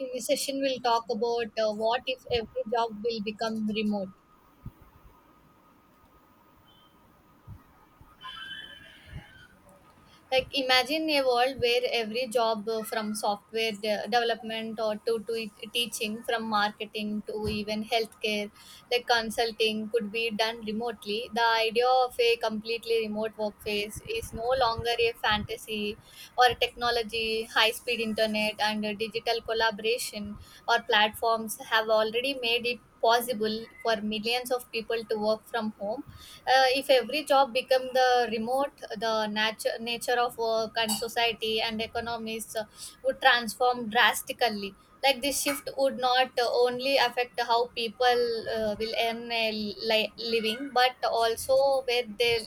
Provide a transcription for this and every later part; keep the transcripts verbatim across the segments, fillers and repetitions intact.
In this session, we'll talk about uh, what if every job will become remote. Like imagine a world where every job uh, from software de- development or to, to e- teaching, from marketing to even healthcare, like consulting, could be done remotely. The idea of a completely remote workplace is no longer a fantasy or technology. High speed internet and uh, digital collaboration or platforms have already made it possible for millions of people to work from home. Uh, if every job become the remote, the nature nature of work and society and economies uh, would transform drastically. Like this shift would not uh, only affect how people uh, will earn a li- living, but also where they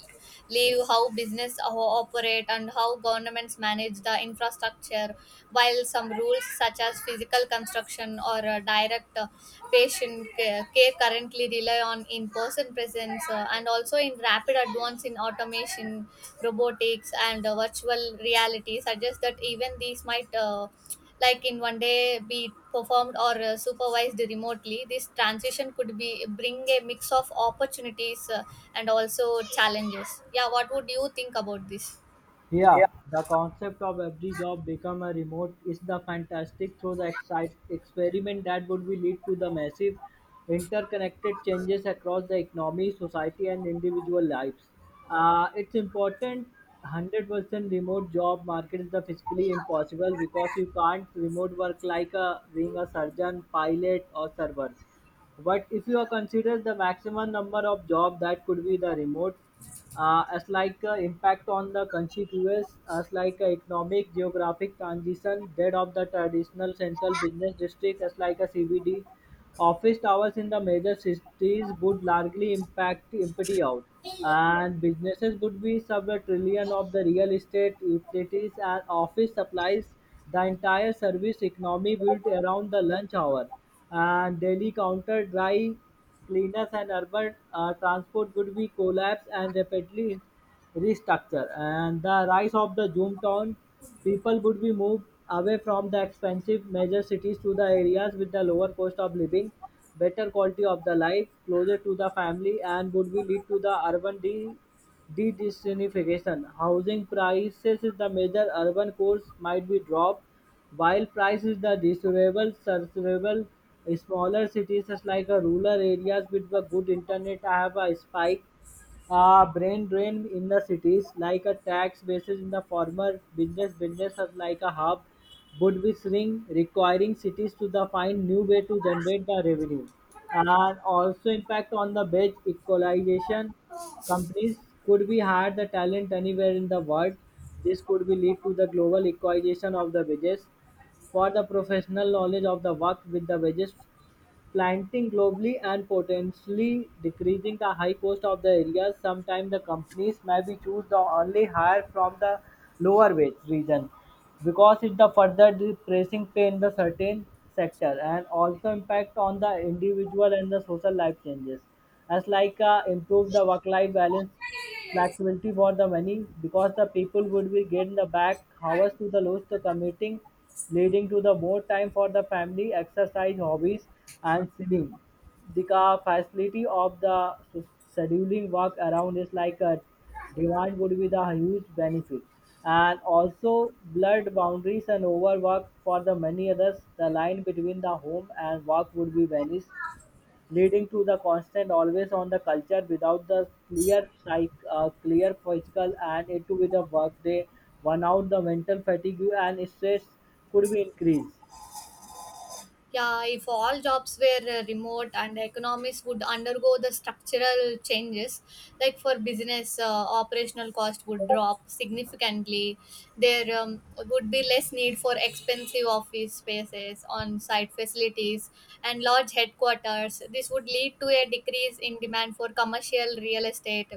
live, how business o- operate, and how governments manage the infrastructure. While some rules, such as physical construction or uh, direct uh, patient ca- care, currently rely on in-person presence, uh, and also in rapid advance in automation, robotics, and uh, virtual reality suggests that even these might, uh, like in one day, be performed or uh, supervised remotely. This transition could be bring a mix of opportunities uh, and also challenges. Yeah, what would you think about this? Yeah, the concept of every job become a remote is the fantastic through the excite experiment that would be lead to the massive interconnected changes across the economy, society and individual lives. Uh, it's important one hundred percent remote job market is the physically impossible because you can't remote work like a, being a surgeon, pilot or server. But if you are consider the maximum number of job that could be the remote, uh, as like uh, impact on the conspicuous as like uh, economic geographic transition that of the traditional central business district as like a cbd office towers in the major cities would largely impact empty out, and businesses would be sub a trillion of the real estate utilities and office supplies. The entire service economy built around the lunch hour and daily counter dry cleaners and urban uh, transport would be collapsed and rapidly restructured. And the rise of the Zoom town, people would be moved away from the expensive major cities to the areas with the lower cost of living, better quality of the life, closer to the family, and would be lead to the urban de- de-disunification. Housing prices is the major urban cores might be dropped while price is the desirable, serviceable smaller cities such like uh, rural areas with a good internet have a spike. Uh, brain drain in the cities like a tax basis in the former business business are like a hub would be shrink requiring cities to the find new way to generate the revenue, and also impact on the wage equalization. Companies could be hire the talent anywhere in the world. This could be lead to the global equalization of the wages for the professional knowledge of the work with the wages planting globally and potentially decreasing the high cost of the areas. Sometimes the companies may be choose the only hire from the lower wage region because it the further depressing pain the certain sector, and also impact on the individual and the social life changes as like uh, improve the work life balance flexibility for the many because the people would be getting the back hours to the loss to commuting, leading to the more time for the family exercise hobbies and singing the ca- facility of the s- scheduling work around is like a demand would be the huge benefit. And also blurred boundaries and overwork for the many others, the line between the home and work would be vanished, leading to the constant always on the culture without the clear psych, uh, clear physical and it to be the work day, burnout, the mental fatigue and stress could be increased. Yeah, if all jobs were uh, remote, and economies would undergo the structural changes, like for business, uh, operational cost would drop significantly. There um, would be less need for expensive office spaces, on site facilities, and large headquarters. This would lead to a decrease in demand for commercial real estate,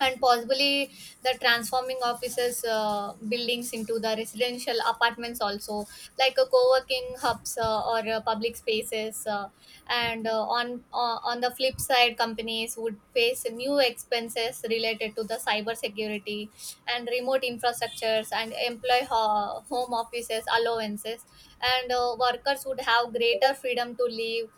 and possibly the transforming offices uh, buildings into the residential apartments, also like a co-working hubs uh, or uh, public spaces, uh, and uh, on uh, on the flip side, companies would face new expenses related to the cyber security and remote infrastructures and employee ho- home offices allowances. And uh, workers would have greater freedom to live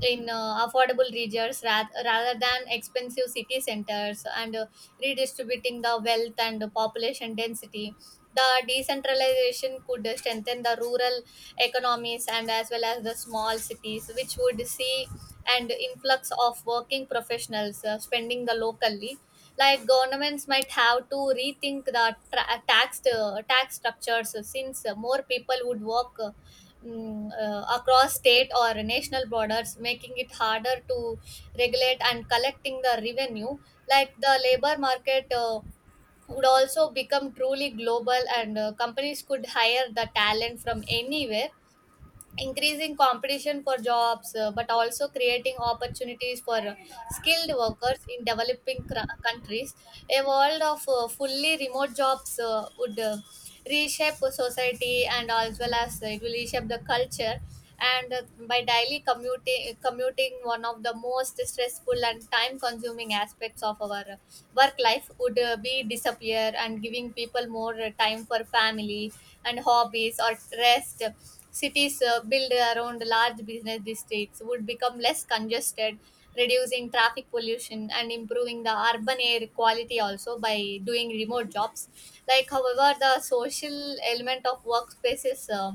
in uh, affordable regions, rath- rather than expensive city centers, and uh, redistributing the wealth and the population density. The decentralization could strengthen the rural economies, and as well as the small cities, which would see an influx of working professionals uh, spending the locally. Like governments might have to rethink the tra- tax uh, tax structures, uh, since uh, more people would work uh, mm, uh, across state or national borders, making it harder to regulate and collecting the revenue. Like the labor market uh, would also become truly global, and uh, companies could hire the talent from anywhere, increasing competition for jobs, uh, but also creating opportunities for uh, skilled workers in developing cr- countries. A world of uh, fully remote jobs uh, would uh, reshape society, and as well as uh, it will reshape the culture. And uh, by daily commuting commuting one of the most stressful and time consuming aspects of our uh, work life, would uh, be disappear and giving people more uh, time for family and hobbies or rest. Cities uh, built around large business districts would become less congested, reducing traffic pollution and improving the urban air quality, also by doing remote jobs. Like however, the social element of workspaces, uh,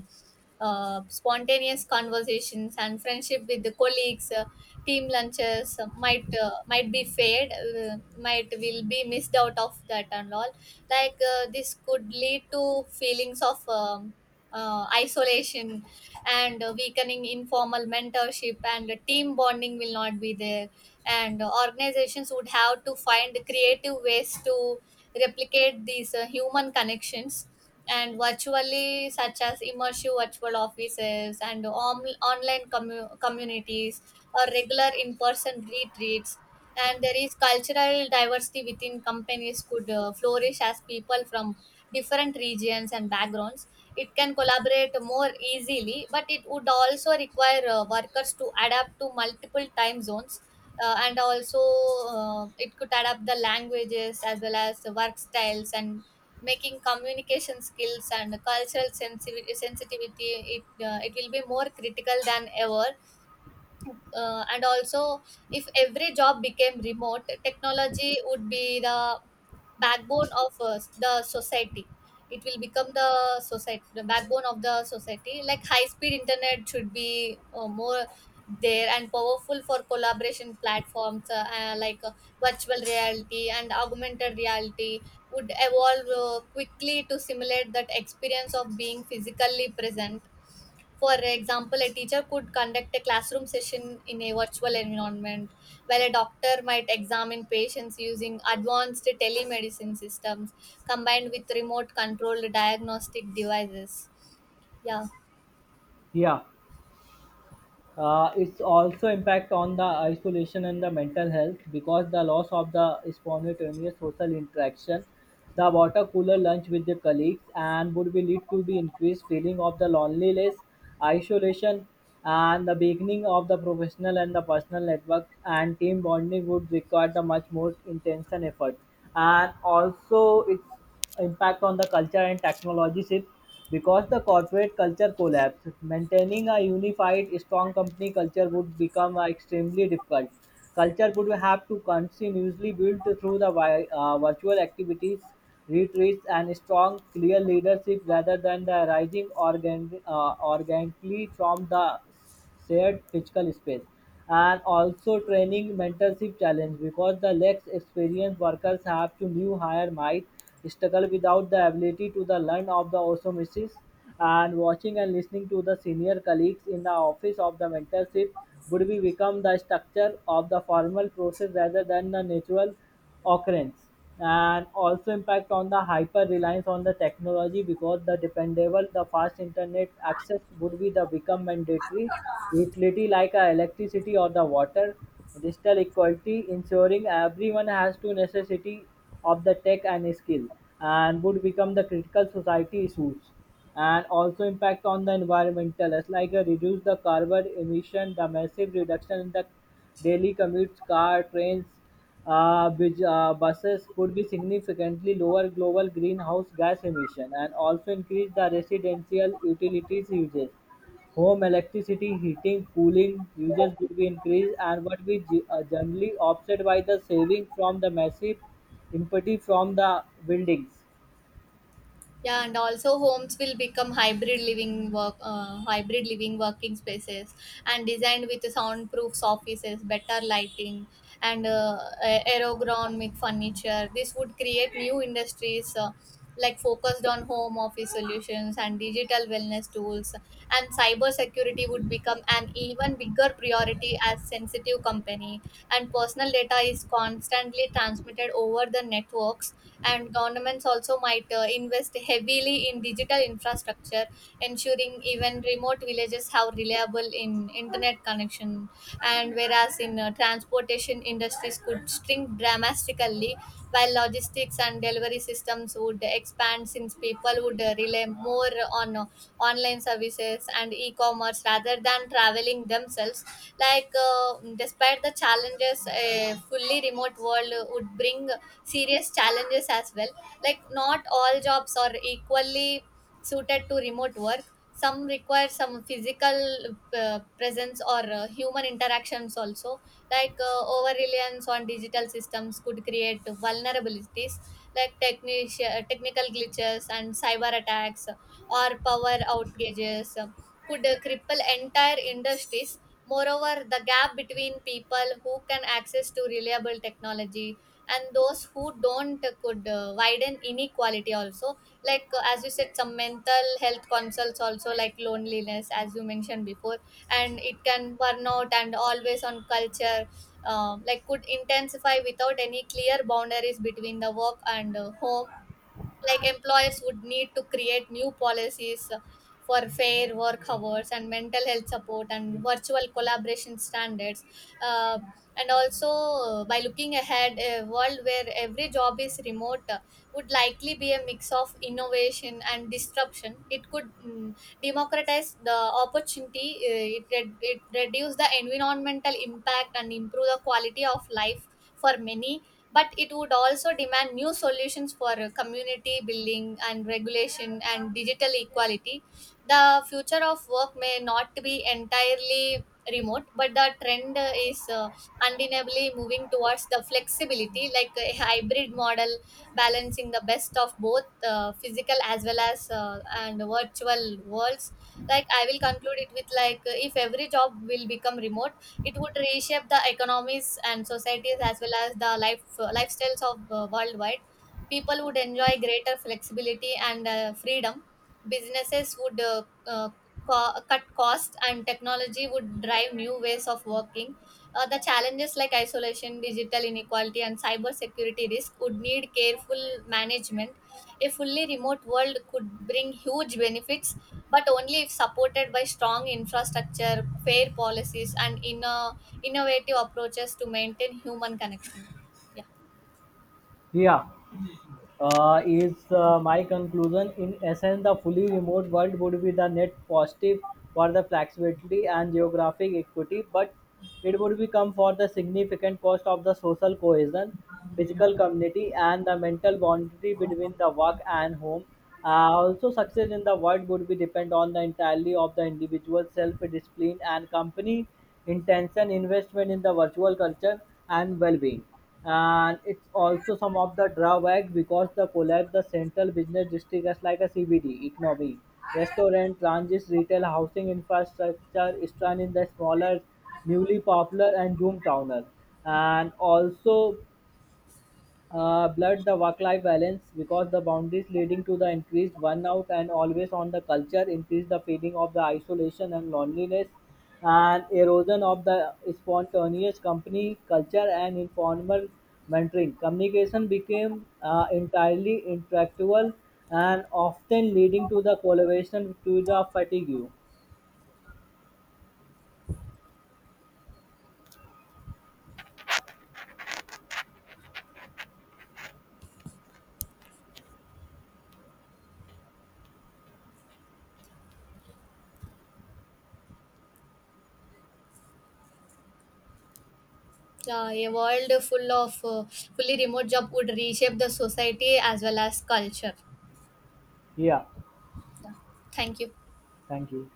uh, spontaneous conversations and friendship with the colleagues, uh, team lunches, uh, might uh, might be fade, uh, might will be missed out of that and all. Like uh, this could lead to feelings of um, uh, isolation and uh, weakening informal mentorship, and uh, team bonding will not be there. And uh, organizations would have to find creative ways to replicate these uh, human connections and virtually, such as immersive virtual offices and om- online commu- communities or regular in-person retreats. And there is cultural diversity within companies could uh, flourish as people from different regions and backgrounds, it can collaborate more easily, but it would also require uh, workers to adapt to multiple time zones, uh, and also uh, it could adapt the languages as well as the work styles, and making communication skills and cultural sensitivity, sensitivity it, uh, it will be more critical than ever. Uh, and also, if every job became remote, technology would be the backbone of uh, the society. It will become the society, the backbone of the society. Like high speed internet should be uh, more there, and powerful for collaboration platforms, uh, uh, like uh, virtual reality and augmented reality would evolve uh, quickly to simulate that experience of being physically present. For example, a teacher could conduct a classroom session in a virtual environment, while a doctor might examine patients using advanced telemedicine systems combined with remote controlled diagnostic devices. Yeah. Yeah. Uh, it's also impact on the isolation and the mental health because the loss of the spontaneous social interaction, the water cooler lunch with the colleagues, and would be lead to the increased feeling of the loneliness, isolation, and the beginning of the professional and the personal network and team bonding would require the much more intense and effort. And also, it's impact on the culture and technology shift because the corporate culture collapsed. Maintaining a unified, strong company culture would become uh, extremely difficult. Culture would have to continuously build through the vi- uh, virtual activities, retreats, and strong, clear leadership rather than the rising organ- uh, organically from the shared physical space, and also training mentorship challenge because the less experienced workers have to new hire might struggle without the ability to the learn of the osmosis and watching and listening to the senior colleagues in the office of the mentorship would be become the structure of the formal process rather than the natural occurrence, and also impact on the hyper reliance on the technology because the dependable the fast internet access would be the become mandatory utility like uh, electricity or the water. Digital equality ensuring everyone has to necessity of the tech and skill and would become the critical society issues, and also impact on the environmental as like uh, reduce the carbon emission the massive reduction in the daily commutes car trains uh, which uh, buses could be significantly lower global greenhouse gas emission and also increase the residential utilities uses. Home electricity, heating, cooling uses will be increased and what we ge- uh, generally offset by the saving from the massive impetus from the buildings. Yeah, and also homes will become hybrid living work, uh, hybrid living working spaces, and designed with soundproof offices, better lighting, and uh, aerogronomic furniture. This would create new industries. Uh, like focused on home office solutions and digital wellness tools. And cyber security would become an even bigger priority as sensitive company and personal data is constantly transmitted over the networks. And governments also might uh, invest heavily in digital infrastructure, ensuring even remote villages have reliable in internet connection. And whereas whereas in uh, transportation, industries could shrink dramatically, while logistics and delivery systems would expand, since people would uh, rely more on uh, online services and e-commerce rather than traveling themselves. Like uh, despite the challenges, a fully remote world would bring serious challenges as well. Like not all jobs are equally suited to remote work. Some require some physical uh, presence or uh, human interactions. Also, like uh, over reliance on digital systems could create vulnerabilities, like technic- uh, technical glitches and cyber attacks or power outages uh, could uh, cripple entire industries. Moreover, the gap between people who can access to reliable technology and those who don't uh, could uh, widen inequality. Also, like uh, as you said, some mental health consults also, like loneliness as you mentioned before, and it can burn out and always on culture, um like could intensify without any clear boundaries between the work and uh, home. Like employers would need to create new policies for fair work hours and mental health support and virtual collaboration standards. Uh, and also, uh, by looking ahead, a world where every job is remote uh, would likely be a mix of innovation and disruption. It could, mm, democratize the opportunity. Uh, it, re- it reduce the environmental impact and improve the quality of life for many, but it would also demand new solutions for uh, community building and regulation and digital equality. The future of work may not be entirely remote, but the trend uh, is uh, undeniably moving towards the flexibility, like a hybrid model, balancing the best of both uh, physical, as well as uh, and virtual worlds. Like I will conclude it with, like uh, if every job will become remote, it would reshape the economies and societies, as well as the life uh, lifestyles of uh, worldwide. People would enjoy greater flexibility and uh, freedom. Businesses would uh, uh, co- cut costs, and technology would drive new ways of working. Uh, the challenges like isolation, digital inequality, and cyber security risk would need careful management. A fully remote world could bring huge benefits, but only if supported by strong infrastructure, fair policies, and inno- innovative approaches to maintain human connection. Yeah. Yeah. uh, is uh, My conclusion. In essence, the fully remote world would be the net positive for the flexibility and geographic equity, but it would become for the significant cost of the social cohesion, physical community, and the mental boundary between the work and home. Uh, also, success in the world would be depend on the entirely of the individual self-discipline and company intention investment in the virtual culture and well-being, and it's also some of the drawback because the collapse the central business district is like a C B D economy. Restaurant, transit, retail, housing infrastructure strand in the smaller, newly popular and zoom towner. And also uh, blurred the work-life balance because the boundaries leading to the increased burnout and always on the culture increase the feeling of the isolation and loneliness and erosion of the spontaneous company culture and informal mentoring communication became uh, entirely intractable and often leading to the collaboration to the fatigue. Uh, a world full of uh, fully remote job would reshape the society as well as culture. Yeah, Yeah. Thank you. thank you.